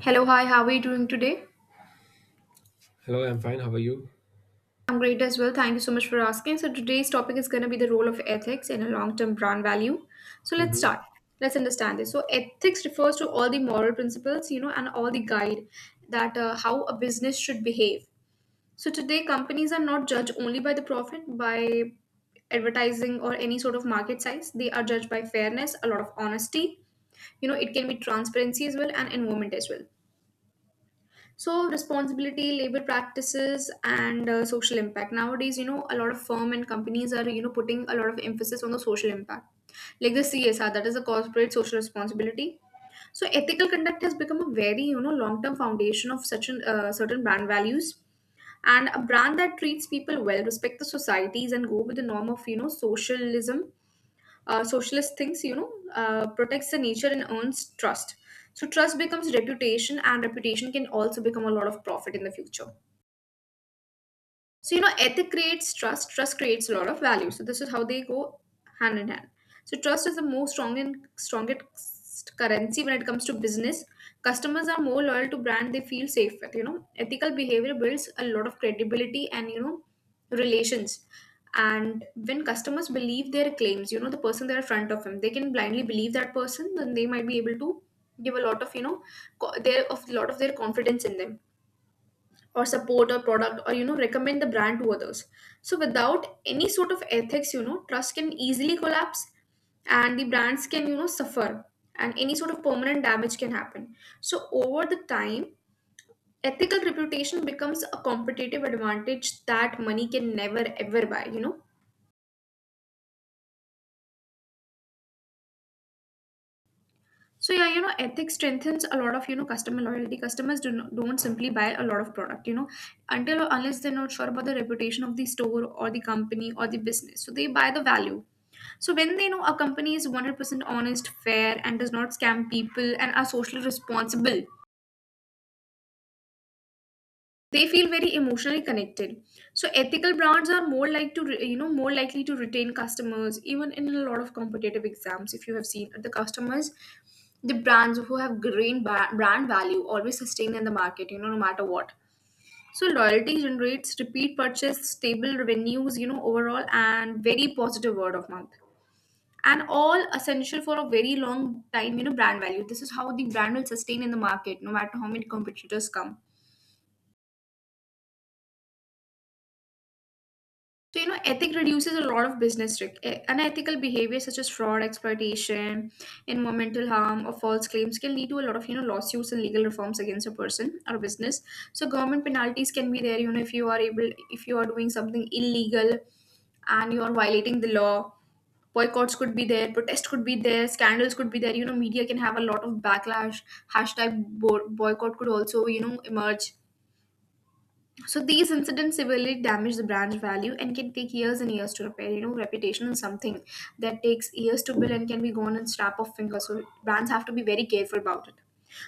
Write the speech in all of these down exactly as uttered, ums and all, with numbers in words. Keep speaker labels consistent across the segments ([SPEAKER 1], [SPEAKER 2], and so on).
[SPEAKER 1] Hello, hi, how are you doing today?
[SPEAKER 2] Hello, I'm fine. How are you?
[SPEAKER 1] I'm great as well. Thank you so much for asking. So, today's topic is going to be the role of ethics in a long term brand value. So, let's
[SPEAKER 2] hmm
[SPEAKER 1] start. Let's understand this. So, ethics refers to all the moral principles, you know, and all the guide that uh, how a business should behave. So, today, companies are not judged only by the profit, by advertising, or any sort of market size. They are judged by fairness, a lot of honesty. You know, it can be transparency as well and environment as well. So, responsibility, labor practices, and uh, social impact. Nowadays, you know, a lot of firm and companies are, you know, putting a lot of emphasis on the social impact, like the C S R, that is the corporate social responsibility. So, ethical conduct has become a very, you know, long-term foundation of such an uh, certain brand values, and a brand that treats people well, respect the societies, and go with the norm of, you know, socialism uh, socialist thinks, you know, uh, protects the nature and earns trust. So trust becomes reputation, and reputation can also become a lot of profit in the future. So, you know, ethic creates trust, trust creates a lot of value. So, this is how they go hand in hand. So, trust is the most strong and strongest currency when it comes to business. Customers are more loyal to brand they feel safe with. You know, ethical behavior builds a lot of credibility and, you know, relations. And when customers believe their claims, you know, the person they're in front of them, they can blindly believe that person, then they might be able to give a lot of, you know, co- their of lot of their confidence in them, or support, or product, or, you know, recommend the brand to others. So without any sort of ethics, you know, trust can easily collapse, and the brands can, you know, suffer, and any sort of permanent damage can happen. So over the time, ethical reputation becomes a competitive advantage that money can never ever buy, you know. So yeah, you know, ethics strengthens a lot of, you know, customer loyalty. Customers do not, don't simply buy a lot of product, you know, until or unless they're not sure about the reputation of the store or the company or the business. So they buy the value. So when they know a company is one hundred percent honest, fair, and does not scam people and are socially responsible, they feel very emotionally connected. So ethical brands are more like to re- you know, more likely to retain customers even in a lot of competitive exams. If you have seen the customers, the brands who have green ba- brand value always sustain in the market, you know, no matter what. So loyalty generates repeat purchase, stable revenues, you know, overall, and very positive word of mouth, and all essential for a very long time, you know, brand value. This is how the brand will sustain in the market no matter how many competitors come. So, you know, ethic reduces a lot of business risk. E- Unethical behavior such as fraud, exploitation, environmental harm, or false claims can lead to a lot of, you know, lawsuits and legal reforms against a person or business. So, government penalties can be there, you know, if you are able, if you are doing something illegal and you are violating the law. Boycotts could be there, protests could be there, scandals could be there. You know, media can have a lot of backlash. Hashtag bo- boycott could also, you know, emerge. So these incidents severely damage the brand's value and can take years and years to repair. You know, reputation is something that takes years to build and can be gone in snap of fingers. So brands have to be very careful about it.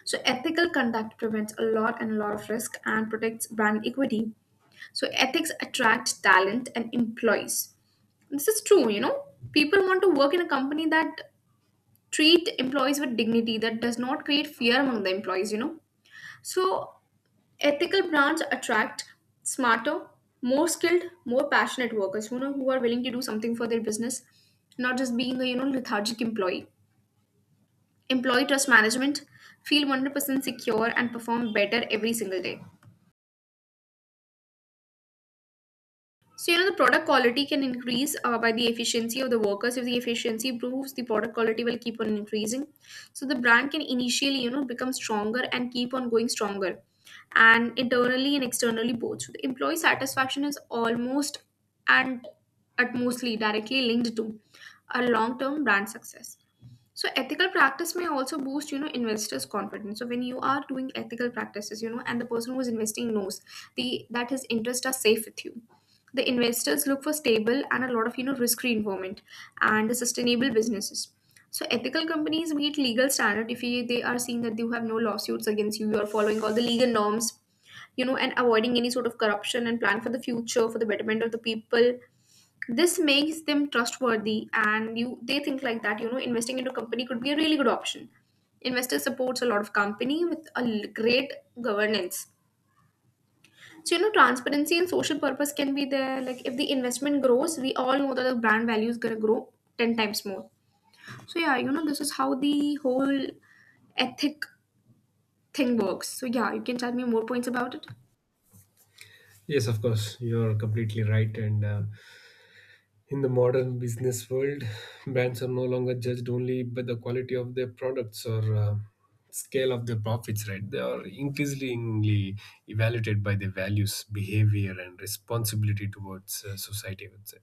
[SPEAKER 1] So ethical conduct prevents a lot and a lot of risk and protects brand equity. So ethics attract talent and employees. This is true, you know. People want to work in a company that treat employees with dignity, that does not create fear among the employees, you know. So ethical brands attract smarter, more skilled, more passionate workers, you know, who are willing to do something for their business, not just being a, you know, lethargic employee. Employee trust management, feel one hundred percent secure and perform better every single day. So, you know, the product quality can increase uh, by the efficiency of the workers. If the efficiency improves, the product quality will keep on increasing. So, the brand can initially, you know, become stronger and keep on going stronger, and internally and externally both. So, the employee satisfaction is almost and at mostly directly linked to a long term brand success. So ethical practice may also boost, you know, investors' confidence. So when you are doing ethical practices, you know, and the person who's investing knows the that his interests are safe with you. The investors look for stable and a lot of, you know, risk-free environment and the sustainable businesses. So ethical companies meet legal standard. If you, they are seeing that you have no lawsuits against you, you are following all the legal norms, you know, and avoiding any sort of corruption and plan for the future for the betterment of the people, this makes them trustworthy, and you, they think like that, you know, investing into company could be a really good option. Investor supports a lot of company with a l- great governance. So, you know, transparency and social purpose can be there. Like, if the investment grows, we all know that the brand value is going to grow ten times more. So, yeah, you know, this is how the whole ethic thing works. So, yeah, you can tell me more points about it.
[SPEAKER 2] Yes, of course. You're completely right. And uh, in the modern business world, brands are no longer judged only by the quality of their products or uh, scale of their profits, right? They are increasingly evaluated by their values, behavior, and responsibility towards uh, society, I would say.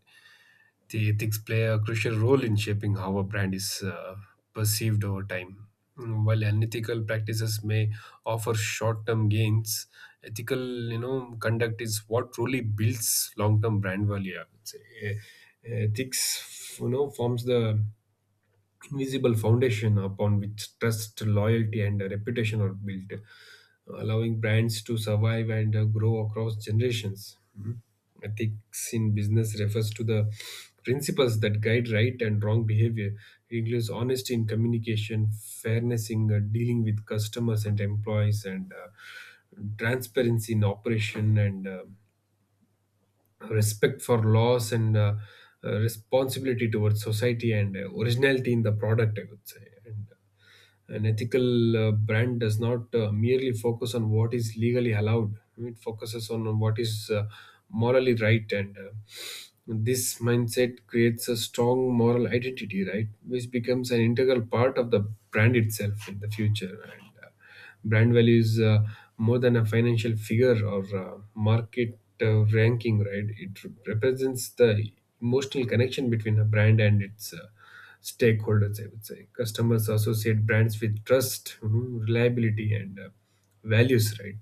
[SPEAKER 2] The ethics play a crucial role in shaping how a brand is uh, perceived over time. Mm, While unethical practices may offer short-term gains, ethical, you know, conduct is what truly builds long-term brand value, I would say. Eh, ethics, you know, forms the invisible foundation upon which trust, loyalty, and uh, reputation are built, allowing brands to survive and uh, grow across generations. Mhm. Ethics in business refers to the principles that guide right and wrong behavior. It includes honesty in communication, fairness in uh, dealing with customers and employees, and uh, transparency in operation and uh, respect for laws and uh, uh, responsibility towards society and uh, originality in the product, I would say. And uh, an ethical uh, brand does not uh, merely focus on what is legally allowed. It focuses on what is uh, morally right, and uh, this mindset creates a strong moral identity, right, which becomes an integral part of the brand itself in the future. And uh, Brand value is uh, more than a financial figure or uh, market uh, ranking, right? It represents the emotional connection between a brand and its uh, stakeholders, I would say. Customers associate brands with trust, mhm, reliability, and uh, values, right?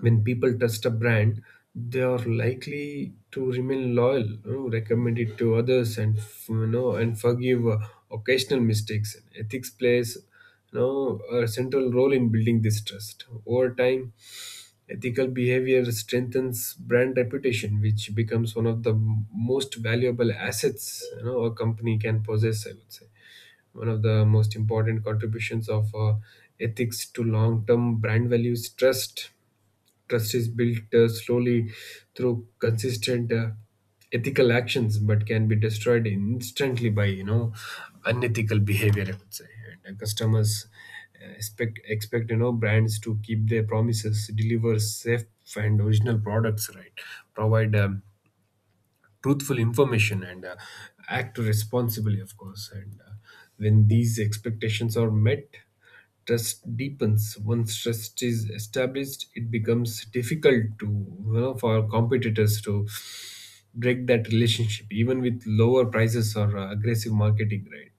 [SPEAKER 2] When people trust a brand, they are likely to remain loyal, you know, recommend it to others, and f- you know, and forgive uh, occasional mistakes. Ethics plays, you know, a central role in building this trust. Over time, ethical behavior strengthens brand reputation, which becomes one of the m- most valuable assets, you know, a company can possess, I would say. One of the most important contributions of uh, ethics to long term brand value is trust. Trust is built uh, slowly through consistent uh, ethical actions, but can be destroyed instantly by, you know, unethical behavior, I would say. And uh, Customers uh, expect expect you know brands to keep their promises, deliver safe and original products, right? Provide um, truthful information and uh, act responsibly, of course. And uh, when these expectations are met, trust deepens. Once trust is established, it becomes difficult, to you know, for competitors to break that relationship, even with lower prices or uh, aggressive marketing. Right.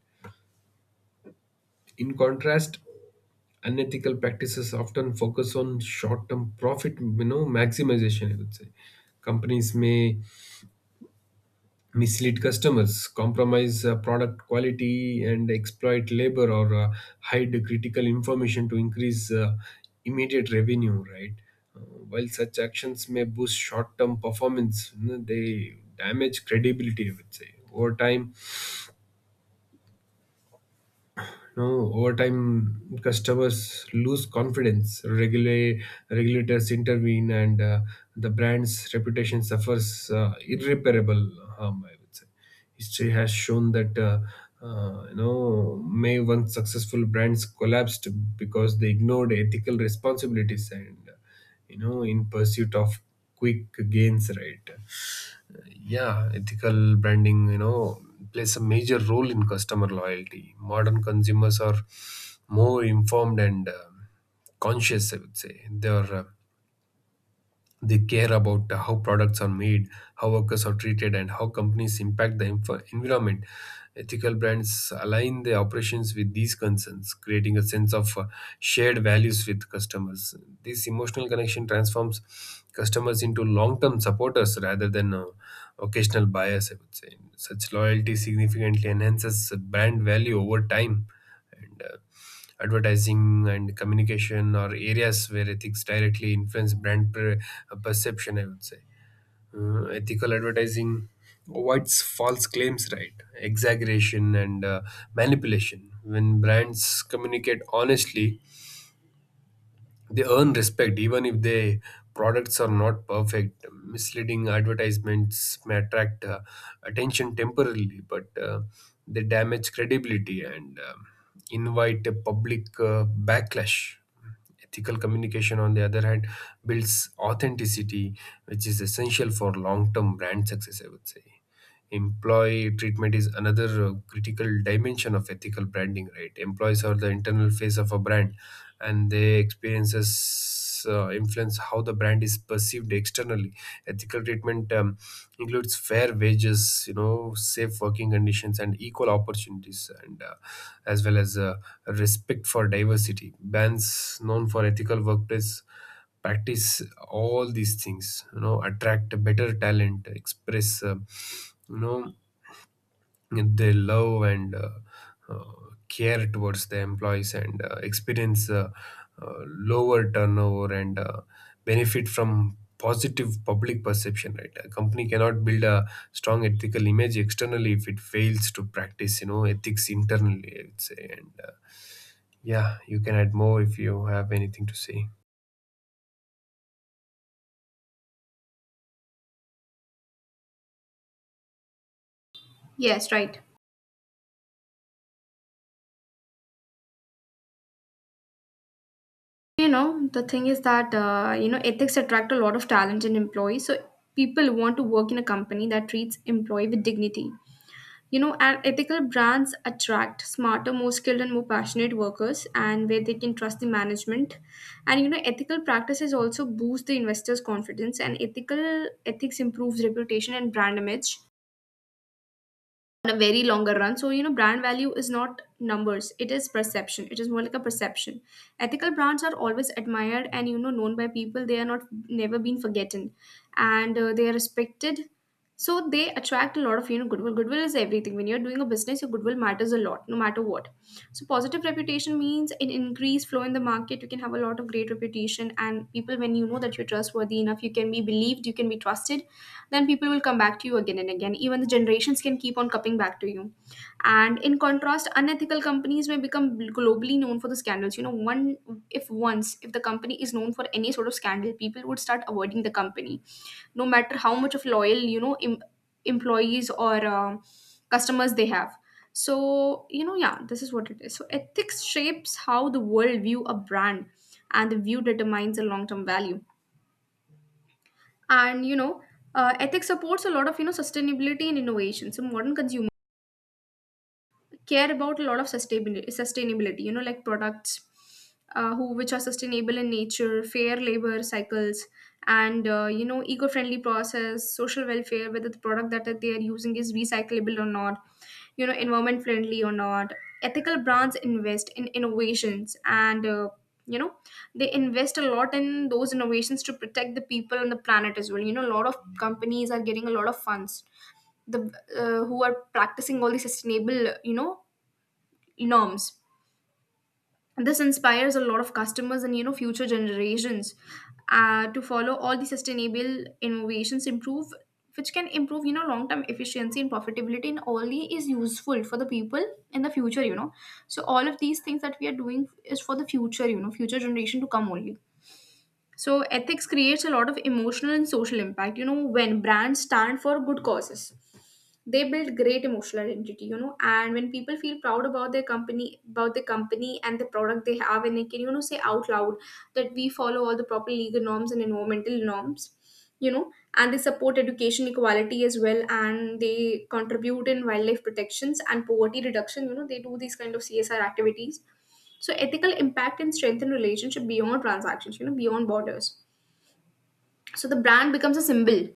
[SPEAKER 2] In contrast, unethical practices often focus on short-term profit, you know, maximization, I would say. Companies may mislead customers, compromise uh, product quality, and exploit labor or uh, hide critical information to increase uh, immediate revenue, right? Uh, while such actions may boost short term performance, you know, they damage credibility, I would say. Over time, No, over time, customers lose confidence. Regula- regulators intervene, and uh, the brand's reputation suffers uh, irreparable harm, I would say. History has shown that uh, uh, you know, may once successful brands collapsed because they ignored ethical responsibilities, and, uh, you know, in pursuit of quick gains, right? Yeah, ethical branding, you know, plays a major role in customer loyalty. Modern consumers are more informed and um conscious, I would say. They are uh, they care about uh, how products are made, how workers are treated, and how companies impact the env- environment. Ethical brands align their operations with these concerns, creating a sense of uh, shared values with customers. This emotional connection transforms customers into long term supporters rather than uh, occasional buyers, I would say. Such loyalty significantly enhances brand value over time. And uh, Advertising and communication are areas where ethics directly influence brand per- uh, perception, I would say. Uh, ethical advertising avoids false claims, right, exaggeration and uh, manipulation. When brands communicate honestly, they earn respect, even if their products are not perfect. Misleading advertisements may attract uh, attention temporarily, but uh, they damage credibility and um invite a public uh, backlash. Ethical communication, on the other hand, builds authenticity, which is essential for long term brand success, I would say. Employee treatment is another uh, critical dimension of ethical branding, right. Employees are the internal face of a brand, and their experiences uh, influence how the brand is perceived externally. Ethical treatment um, includes fair wages, you know, safe working conditions, and equal opportunities, and uh, as well as uh, respect for diversity. Brands known for ethical workplace practice, all these things, you know, attract a better talent, express uh, you know their love and uh, uh, care towards the employees, and uh, experience uh, uh, lower turnover and uh, benefit from positive public perception, right. A company cannot build a strong ethical image externally if it fails to practice, you know, ethics internally, I would say. And uh, Yeah, you can add more if you have anything to say.
[SPEAKER 1] Yes, right. You know, the thing is that, uh, you know, ethics attract a lot of talent in employees. So people want to work in a company that treats employee with dignity. You know, and ethical brands attract smarter, more skilled, and more passionate workers, and where they can trust the management. And you know, ethical practices also boost the investors' confidence, and ethical ethics improves reputation and brand image on a very longer run. So, you know, brand value is not numbers, it is perception. It is more like a perception. Ethical brands are always admired and, you know, known by people. They are not never been forgotten, and uh, they are respected. So, they attract a lot of, you know, goodwill. Goodwill is everything. When you're doing a business, your goodwill matters a lot, no matter what. So, positive reputation means an increased flow in the market. You can have a lot of great reputation, and people, when you know that you're trustworthy enough, you can be believed, you can be trusted, then people will come back to you again and again. Even the generations can keep on coming back to you. And in contrast, unethical companies may become globally known for the scandals. You know, one if once if the company is known for any sort of scandal, people would start avoiding the company, no matter how much of loyal, you know, em- employees or uh, customers they have. So you know, yeah, this is what it is. So ethics shapes how the world view a brand, and the view determines the long term value. And you know, uh, ethics supports a lot of, you know, sustainability and innovation. So modern consumer care about a lot of sustainability sustainability, you know, like products uh, who which are sustainable in nature, fair labor cycles, and uh, you know, eco-friendly process, social welfare, whether the product that they are using is recyclable or not, you know, environment friendly or not. Ethical brands invest in innovations and, uh, you know, they invest a lot in those innovations to protect the people and the planet as well. You know, a lot of companies are getting a lot of funds, the uh, who are practicing all the sustainable, you know, norms. This inspires a lot of customers and, you know, future generations, uh, to follow all the sustainable innovations improve which can improve, you know, long term efficiency and profitability, and only is useful for the people in the future, you know. So all of these things that we are doing is for the future, you know, future generation to come only. So ethics creates a lot of emotional and social impact, you know. When brands stand for good causes, they build great emotional identity, you know, and when people feel proud about their company about the company and the product they have, and they can, you know, say out loud that we follow all the proper legal norms and environmental norms, you know, and they support education equality as well, and they contribute in wildlife protections And poverty reduction, you know, they do these kind of C S R activities. So ethical impact and strengthen relationship beyond transactions, you know, beyond borders so The brand becomes a symbol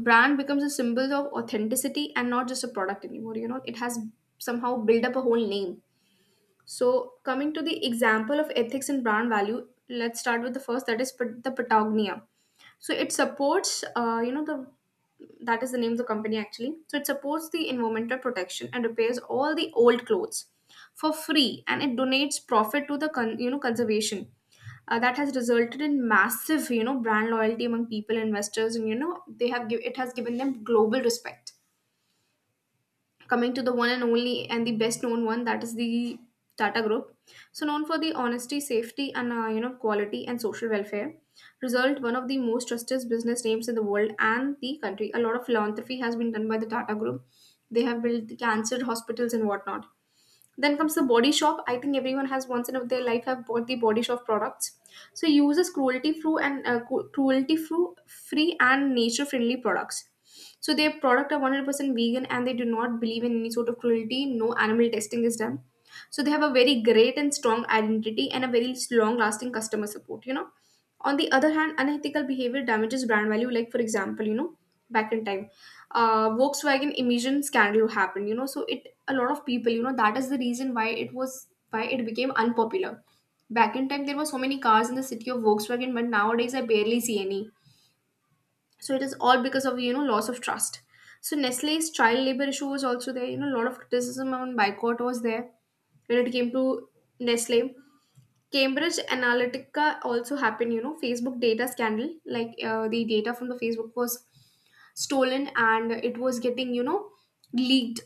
[SPEAKER 1] brand becomes a symbol of authenticity and not just a product anymore. You know, it has somehow built up a whole name. So, coming to the example of ethics and brand value, let's start with the first, that is pat- the Patagonia. So, it supports, uh, you know, the that is the name of the company actually. So, it supports the environmental protection and repairs all the old clothes for free, and it donates profit to the con- you know conservation. Uh, that has resulted in massive, you know, brand loyalty among people, investors, and you know, they have give- it has given them global respect, coming to the one and only and the best known one, that is the Tata Group. So known for the honesty, safety, and uh, you know quality and social welfare, result one of the most trusted business names in the world and the country. A lot of philanthropy has been done by the Tata Group. They have built the cancer hospitals and whatnot. Then comes the Body Shop. I think everyone has once in of their life have bought the Body Shop products. So it uses cruelty free and uh, cu- cruelty fru- free and nature friendly products. So their product are one hundred percent vegan and they do not believe in any sort of cruelty. No animal testing is done. So they have a very great and strong identity and a very long lasting customer support, you know. On the other hand, unethical behavior damages brand value. Like for example, you know, back in time, uh, Volkswagen emission scandal happened. You know, so it a lot of people. You know, that is the reason why it was why it became unpopular. Back in time, there were so many cars in the city of Volkswagen, but nowadays I barely see any. So it is all because of, you know, loss of trust. So Nestle's child labor issue was also there. You know, a lot of criticism on boycott was there when it came to Nestle. Cambridge Analytica also happened, you know, Facebook data scandal, like uh, the data from the Facebook was stolen and it was getting, you know, leaked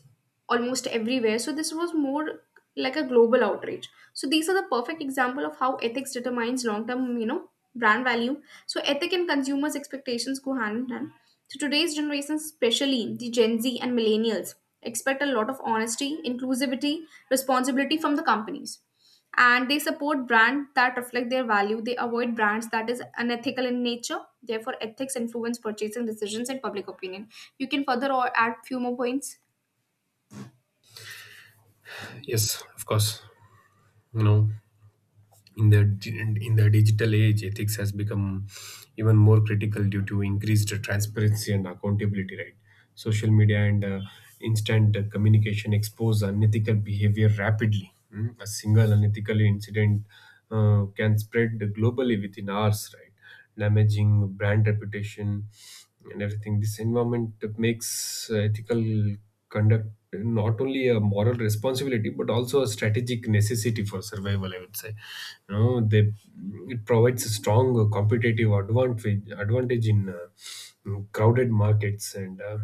[SPEAKER 1] almost everywhere. So this was more like a global outrage. So these are the perfect example of how ethics determines long-term, you know, brand value. So ethic and consumers' expectations go hand in hand. So today's generation, especially the Gen Z and millennials, expect a lot of honesty, inclusivity, responsibility from the companies, and they support brands that reflect their value. They avoid brands that is unethical in nature. Therefore, ethics influence purchasing decisions and public opinion. You can further or add few more points.
[SPEAKER 2] Yes, of course. You know, In the di- in the digital age, ethics has become even more critical due to increased transparency and accountability. Right, social media and uh, instant communication expose unethical behavior rapidly. Mm, A single unethical incident uh, can spread globally within hours. Right, damaging brand reputation and everything. This environment makes uh, ethical conduct not only a moral responsibility but also a strategic necessity for survival, I would say. You know, they it provides a strong competitive advantage advantage in uh, crowded markets. And. Uh,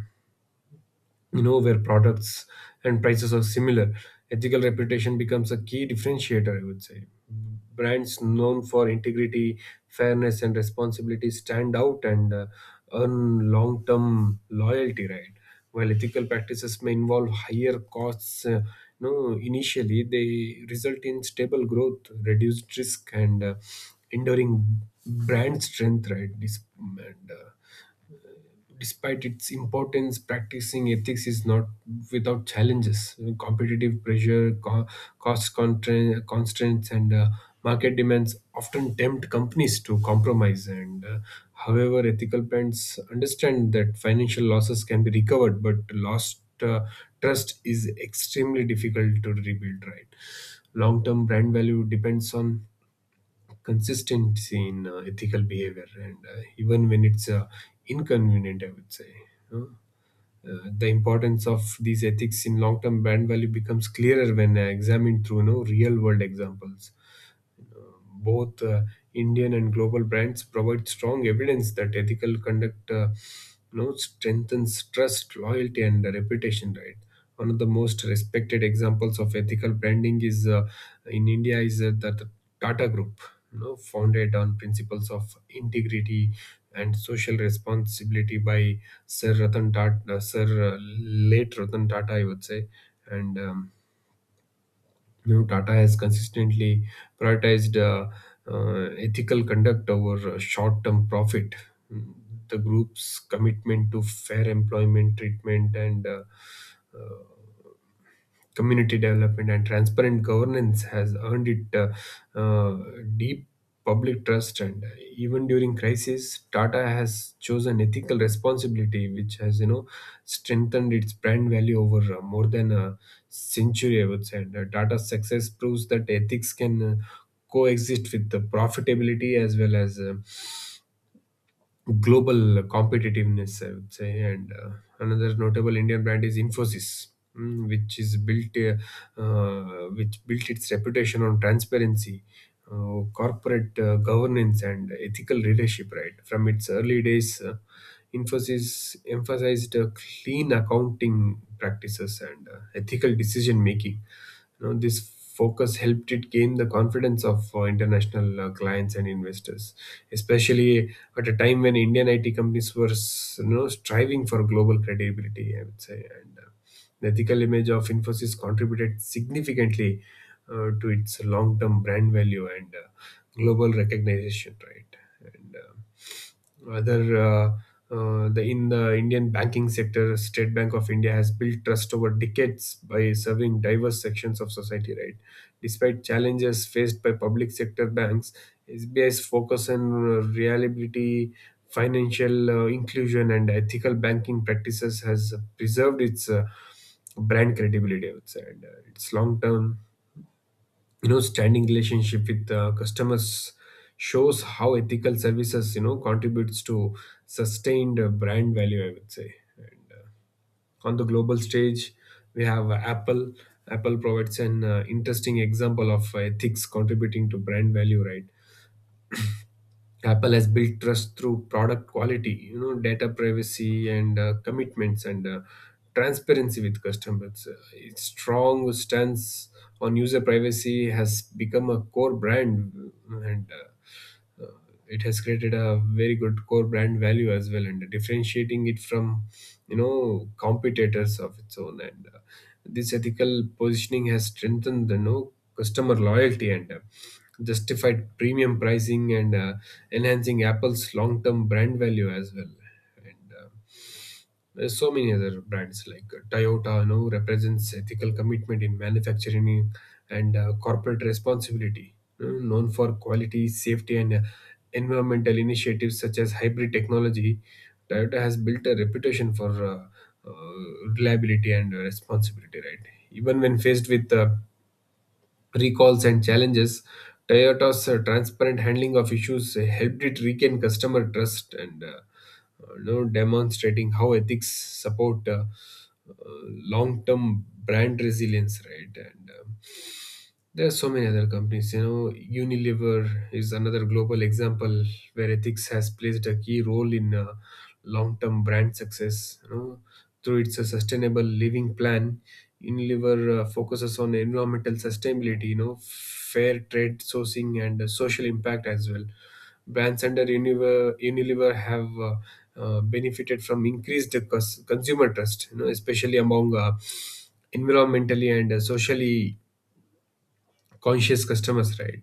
[SPEAKER 2] You know, where products and prices are similar, ethical reputation becomes a key differentiator, I would say. Brands known for integrity, fairness, and responsibility stand out and uh, earn long term loyalty, right. While ethical practices may involve higher costs, uh, you know, initially, they result in stable growth, reduced risk, and uh, enduring brand strength, right. this and uh, Despite its importance, practicing ethics is not without challenges. Competitive pressure, co- cost contra- constraints, and uh, market demands often tempt companies to compromise. And uh, however, ethical brands understand that financial losses can be recovered, but lost uh, trust is extremely difficult to rebuild. Right, long-term brand value depends on consistency in uh, ethical behavior, and uh, even when it's uh, inconvenient, I would say. Huh? uh, the importance of these ethics in long-term brand value becomes clearer when uh, examined through, you know, real-world examples. Both uh, Indian and global brands provide strong evidence that ethical conduct, uh, you know, strengthens trust, loyalty, and the reputation. Right. One of the most respected examples of ethical branding is, uh, in India, is uh, the, the Tata Group, you know, founded on principles of integrity and social responsibility by Sir Ratan Tata, Sir uh, late Ratan Tata, I would say. And um, You know, Tata has consistently prioritized uh, uh, ethical conduct over uh, short-term profit. Mm, The group's commitment to fair employment treatment and uh, uh, community development and transparent governance has earned it uh, uh, deep public trust. And even during crisis, Tata has chosen ethical responsibility, which has, you know, strengthened its brand value over uh, more than a century, I would say. And uh, Tata's success proves that ethics can uh, coexist with the profitability as well as uh, global competitiveness, I would say. And uh, another notable Indian brand is Infosys, mm, which is built, uh, uh, which built its reputation on transparency, uh, corporate uh, governance, and ethical leadership. Right from its early days, uh, Infosys emphasized uh, clean accounting practices and uh, ethical decision making. You know, this focus helped it gain the confidence of uh, international uh, clients and investors, especially at a time when Indian I T companies were, s- you know, striving for global credibility, I would say. And uh, the ethical image of Infosys contributed significantly uh, to its long term brand value and uh, global recognition, right? and uh, other uh, uh, the in the Indian banking sector, State Bank of India has built trust over decades by serving diverse sections of society. Right, despite challenges faced by public sector banks, S B I's focus on uh, reliability, financial uh, inclusion, and ethical banking practices has preserved its uh, brand credibility, I would say. And uh, Its long term, you know, standing relationship with uh, customers shows how ethical services, you know, contributes to sustained uh, brand value, I would say. And uh, on the global stage, we have uh, apple apple provides an uh, interesting example of uh, ethics contributing to brand value, right. Apple has built trust through product quality, you know, data privacy and uh, commitments and uh, transparency with customers. Uh, its strong stance on user privacy has become a core brand, and uh, uh, it has created a very good core brand value as well, and differentiating it from, you know, competitors of its own. And uh, This ethical positioning has strengthened, you know, customer loyalty and uh, justified premium pricing, and uh, enhancing Apple's long-term brand value as well. And uh, there's so many other brands like uh, Toyota. Now, represents ethical commitment in manufacturing and uh, corporate responsibility, you known for quality, safety, and uh, environmental initiatives such as hybrid technology. Toyota has built a reputation for uh, uh, reliability and uh, responsibility, right? Even when faced with uh, recalls and challenges, Toyota's uh, transparent handling of issues uh, helped it regain customer trust, and uh, uh, you know, demonstrating how ethics support uh, uh, long-term brand resilience, right? And um, There are so many other companies. You know, Unilever is another global example where ethics has placed a key role in uh, long-term brand success. You know, through its uh, sustainable living plan, Unilever uh, focuses on environmental sustainability, you know, fair trade sourcing, and uh, social impact as well. Brands under Unilever, Unilever have uh, uh, benefited from increased cons- consumer trust. You know, especially among uh, environmentally and uh, socially conscious customers, right.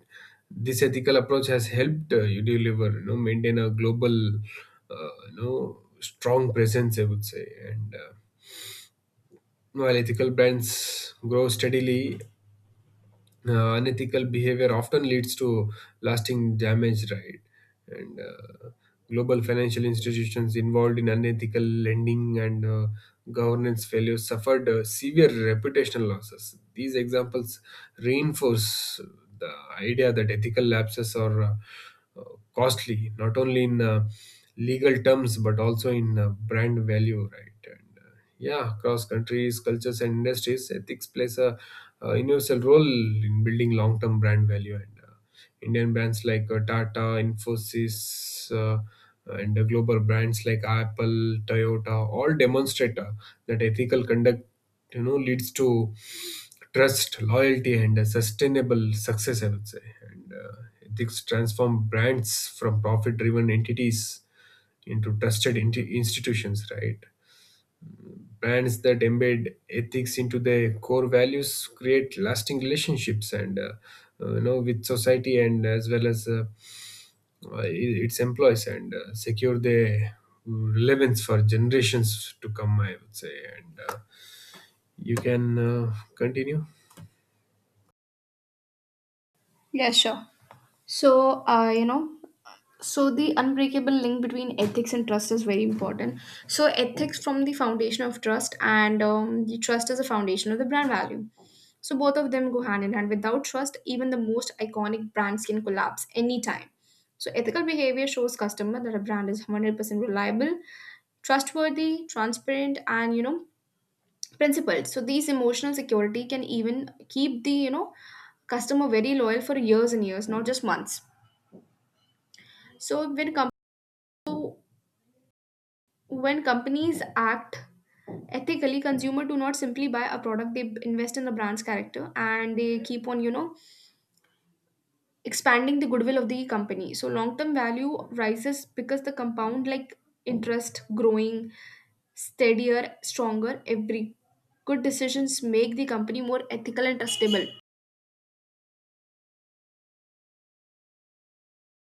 [SPEAKER 2] This ethical approach has helped, uh, you deliver, you know, maintain a global, uh, you know, strong presence, I would say. And uh, While ethical brands grow steadily, uh, unethical behavior often leads to lasting damage, right? And uh, Global financial institutions involved in unethical lending and uh, governance failures suffered uh, severe reputational losses. These examples reinforce the idea that ethical lapses are uh, uh, costly, not only in uh, legal terms but also in uh, brand value, right? And uh, Yeah, across countries, cultures, and industries, ethics plays a uh universal role in building long-term brand value. And uh, Indian brands like uh, Tata, Infosys, uh, and uh, global brands like Apple, Toyota, all demonstrate uh, that ethical conduct, you know, leads to trust, loyalty, and a sustainable success, I would say. And uh, Ethics transform brands from profit-driven entities into trusted inti- institutions. Right. Brands that embed ethics into their core values create lasting relationships, and uh, uh, you know, with society and as well as uh, uh, i- its employees, and uh, secure their, mm, relevance for generations to come, I would say. And uh, You can uh, continue.
[SPEAKER 1] Yeah, sure. So, uh, you know, so the unbreakable link between ethics and trust is very important. So, ethics from the foundation of trust, and um, the trust is the foundation of the brand value. So, both of them go hand in hand. Without trust, even the most iconic brands can collapse anytime. So, ethical behavior shows customer that a brand is one hundred percent reliable, trustworthy, transparent, and you know, principled. So these emotional security can even keep the, you know, customer very loyal for years and years, not just months. so when com- so when companies act ethically, consumer do not simply buy a product. They invest in the brand's character and they keep on, you know, expanding the goodwill of the company. So long term value rises because the compound like interest growing steadier, stronger. Every good decisions make the company more ethical and trustable.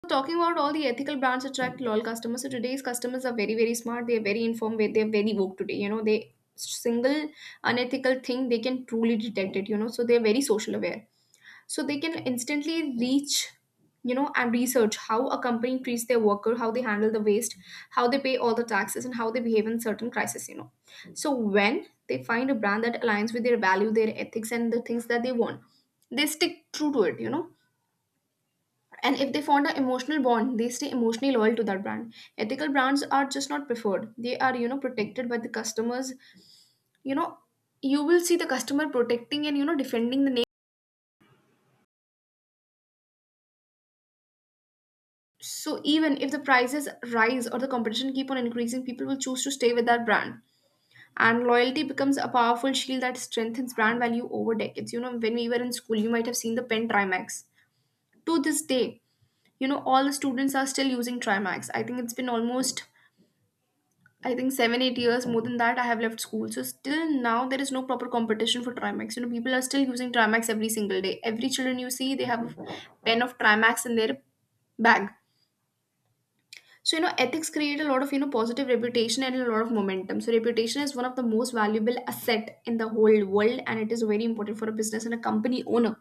[SPEAKER 1] Talking about all the ethical brands attract loyal customers. So today's customers are very, very smart. They're very informed. They're they're very woke today. You know, they single unethical thing, they can truly detect it. You know, so they're very social aware. So they can instantly reach, you know, and research how a company treats their worker, how they handle the waste, how they pay all the taxes, and how they behave in certain crises. You know, so when they find a brand that aligns with their value, their ethics, and the things that they want, they stick true to it. You know, and if they formed an emotional bond, they stay emotionally loyal to that brand. Ethical brands are just not preferred. They are, you know, protected by the customers. You know, you will see the customer protecting and, you know, defending the name. So even if the prices rise or the competition keep on increasing, people will choose to stay with that brand. And loyalty becomes a powerful shield that strengthens brand value over decades. You know, when we were in school, you might have seen the pen Trimax. To this day, you know, all the students are still using Trimax. I think it's been almost I think seven, eight years, more than that, I have left school. So still now there is no proper competition for Trimax. You know, people are still using Trimax every single day. Every children you see, they have a pen of Trimax in their bag. So, you know, ethics create a lot of, you know, positive reputation and a lot of momentum. So reputation is one of the most valuable asset in the whole world, and it is very important for a business and a company owner.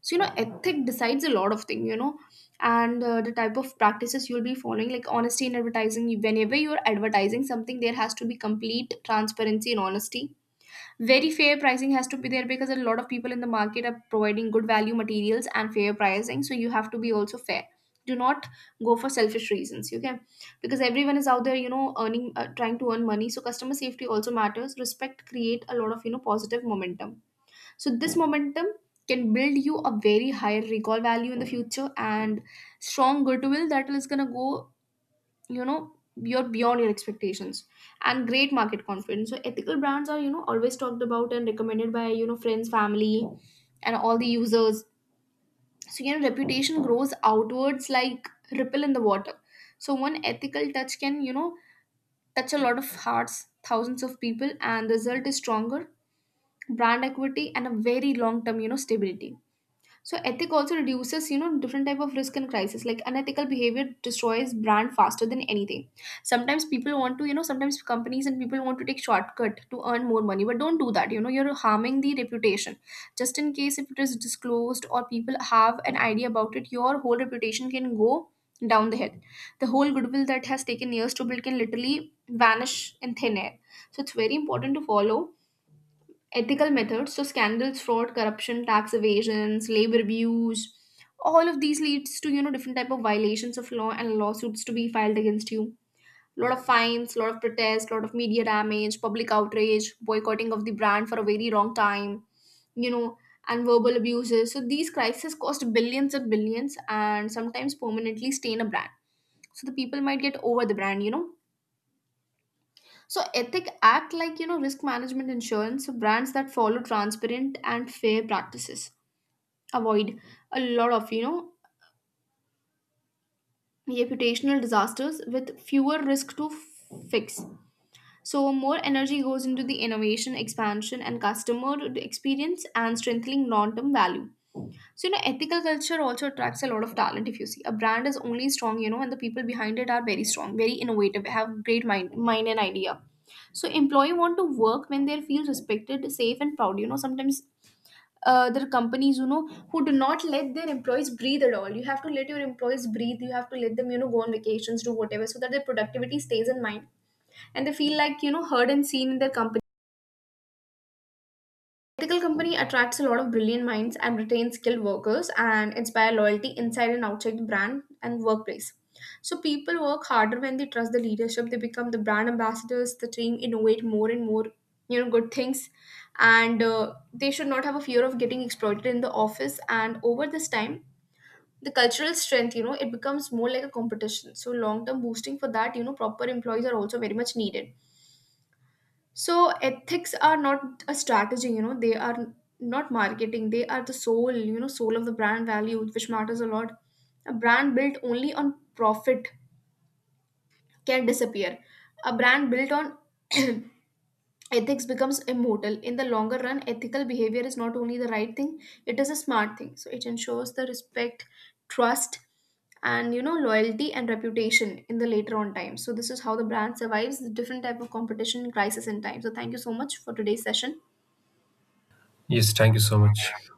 [SPEAKER 1] So you know, ethic decides a lot of thing. You know, and uh, the type of practices you'll be following, like honesty in advertising. Whenever you're advertising something, there has to be complete transparency and honesty. Very fair pricing has to be there, because a lot of people in the market are providing good value materials and fair pricing, so you have to be also fair. Do not go for selfish reasons, okay? Because everyone is out there, you know, earning, uh, trying to earn money. So customer safety also matters. Respect create a lot of, you know, positive momentum. So this momentum can build you a very high recall value in the future and strong goodwill that is gonna go, you know, you're beyond your expectations, and great market confidence. So ethical brands are, you know, always talked about and recommended by, you know, friends, family, and all the users. So you know, reputation grows outwards like ripple in the water. So one ethical touch can, you know, touch a lot of hearts, thousands of people, and the result is stronger brand equity and a very long term, you know, stability. So ethic also reduces, you know, different type of risk and crisis. Like unethical behavior destroys brand faster than anything. Sometimes people want to, you know, sometimes companies and people want to take shortcut to earn more money, but don't do that. You know, you're harming the reputation. Just in case if it is disclosed or people have an idea about it, your whole reputation can go down the hill. The whole goodwill that has taken years to build can literally vanish in thin air. So it's very important to follow ethical methods. So scandals, fraud, corruption, tax evasions, labor abuse, all of these leads to, you know, different type of violations of law and lawsuits to be filed against you. Lot of fines, lot of protests, lot of media damage, public outrage, boycotting of the brand for a very long time, you know, and verbal abuses. So these crises cost billions and billions and sometimes permanently stain a brand. So the people might get over the brand, you know. So ethic act like, you know, risk management insurance. So brands that follow transparent and fair practices avoid a lot of, you know, reputational disasters with fewer risk to fix. So more energy goes into the innovation, expansion, and customer experience, and strengthening long-term value. So, you know, ethical culture also attracts a lot of talent if you see. A brand is only strong, you know, and the people behind it are very strong, very innovative, have great mind, mind and idea. So employee want to work when they feel respected, safe, and proud. You know, sometimes uh, there are companies, you know, who do not let their employees breathe at all. You have to let your employees breathe. You have to let them, you know, go on vacations, do whatever so that their productivity stays in mind and they feel like, you know, heard and seen in their company. Ethical company attracts a lot of brilliant minds and retains skilled workers and inspire loyalty inside and outside the brand and workplace. So people work harder when they trust the leadership. They become the brand ambassadors. The team innovate more and more, you know, good things. And uh, they should not have a fear of getting exploited in the office. And over this time, the cultural strength, you know, it becomes more like a competition. So long term boosting for that, you know, proper employees are also very much needed. So ethics are not a strategy, you know, they are not marketing. They are the soul, you know, soul of the brand value, which matters a lot. A brand built only on profit can disappear. A brand built on ethics becomes immortal. In the longer run, ethical behavior is not only the right thing, it is a smart thing. So it ensures the respect, trust, and you know, loyalty and reputation in the later on time. So this is how the brand survives the different type of competition crisis in time. So thank you so much for today's session.
[SPEAKER 2] Yes, thank you so much.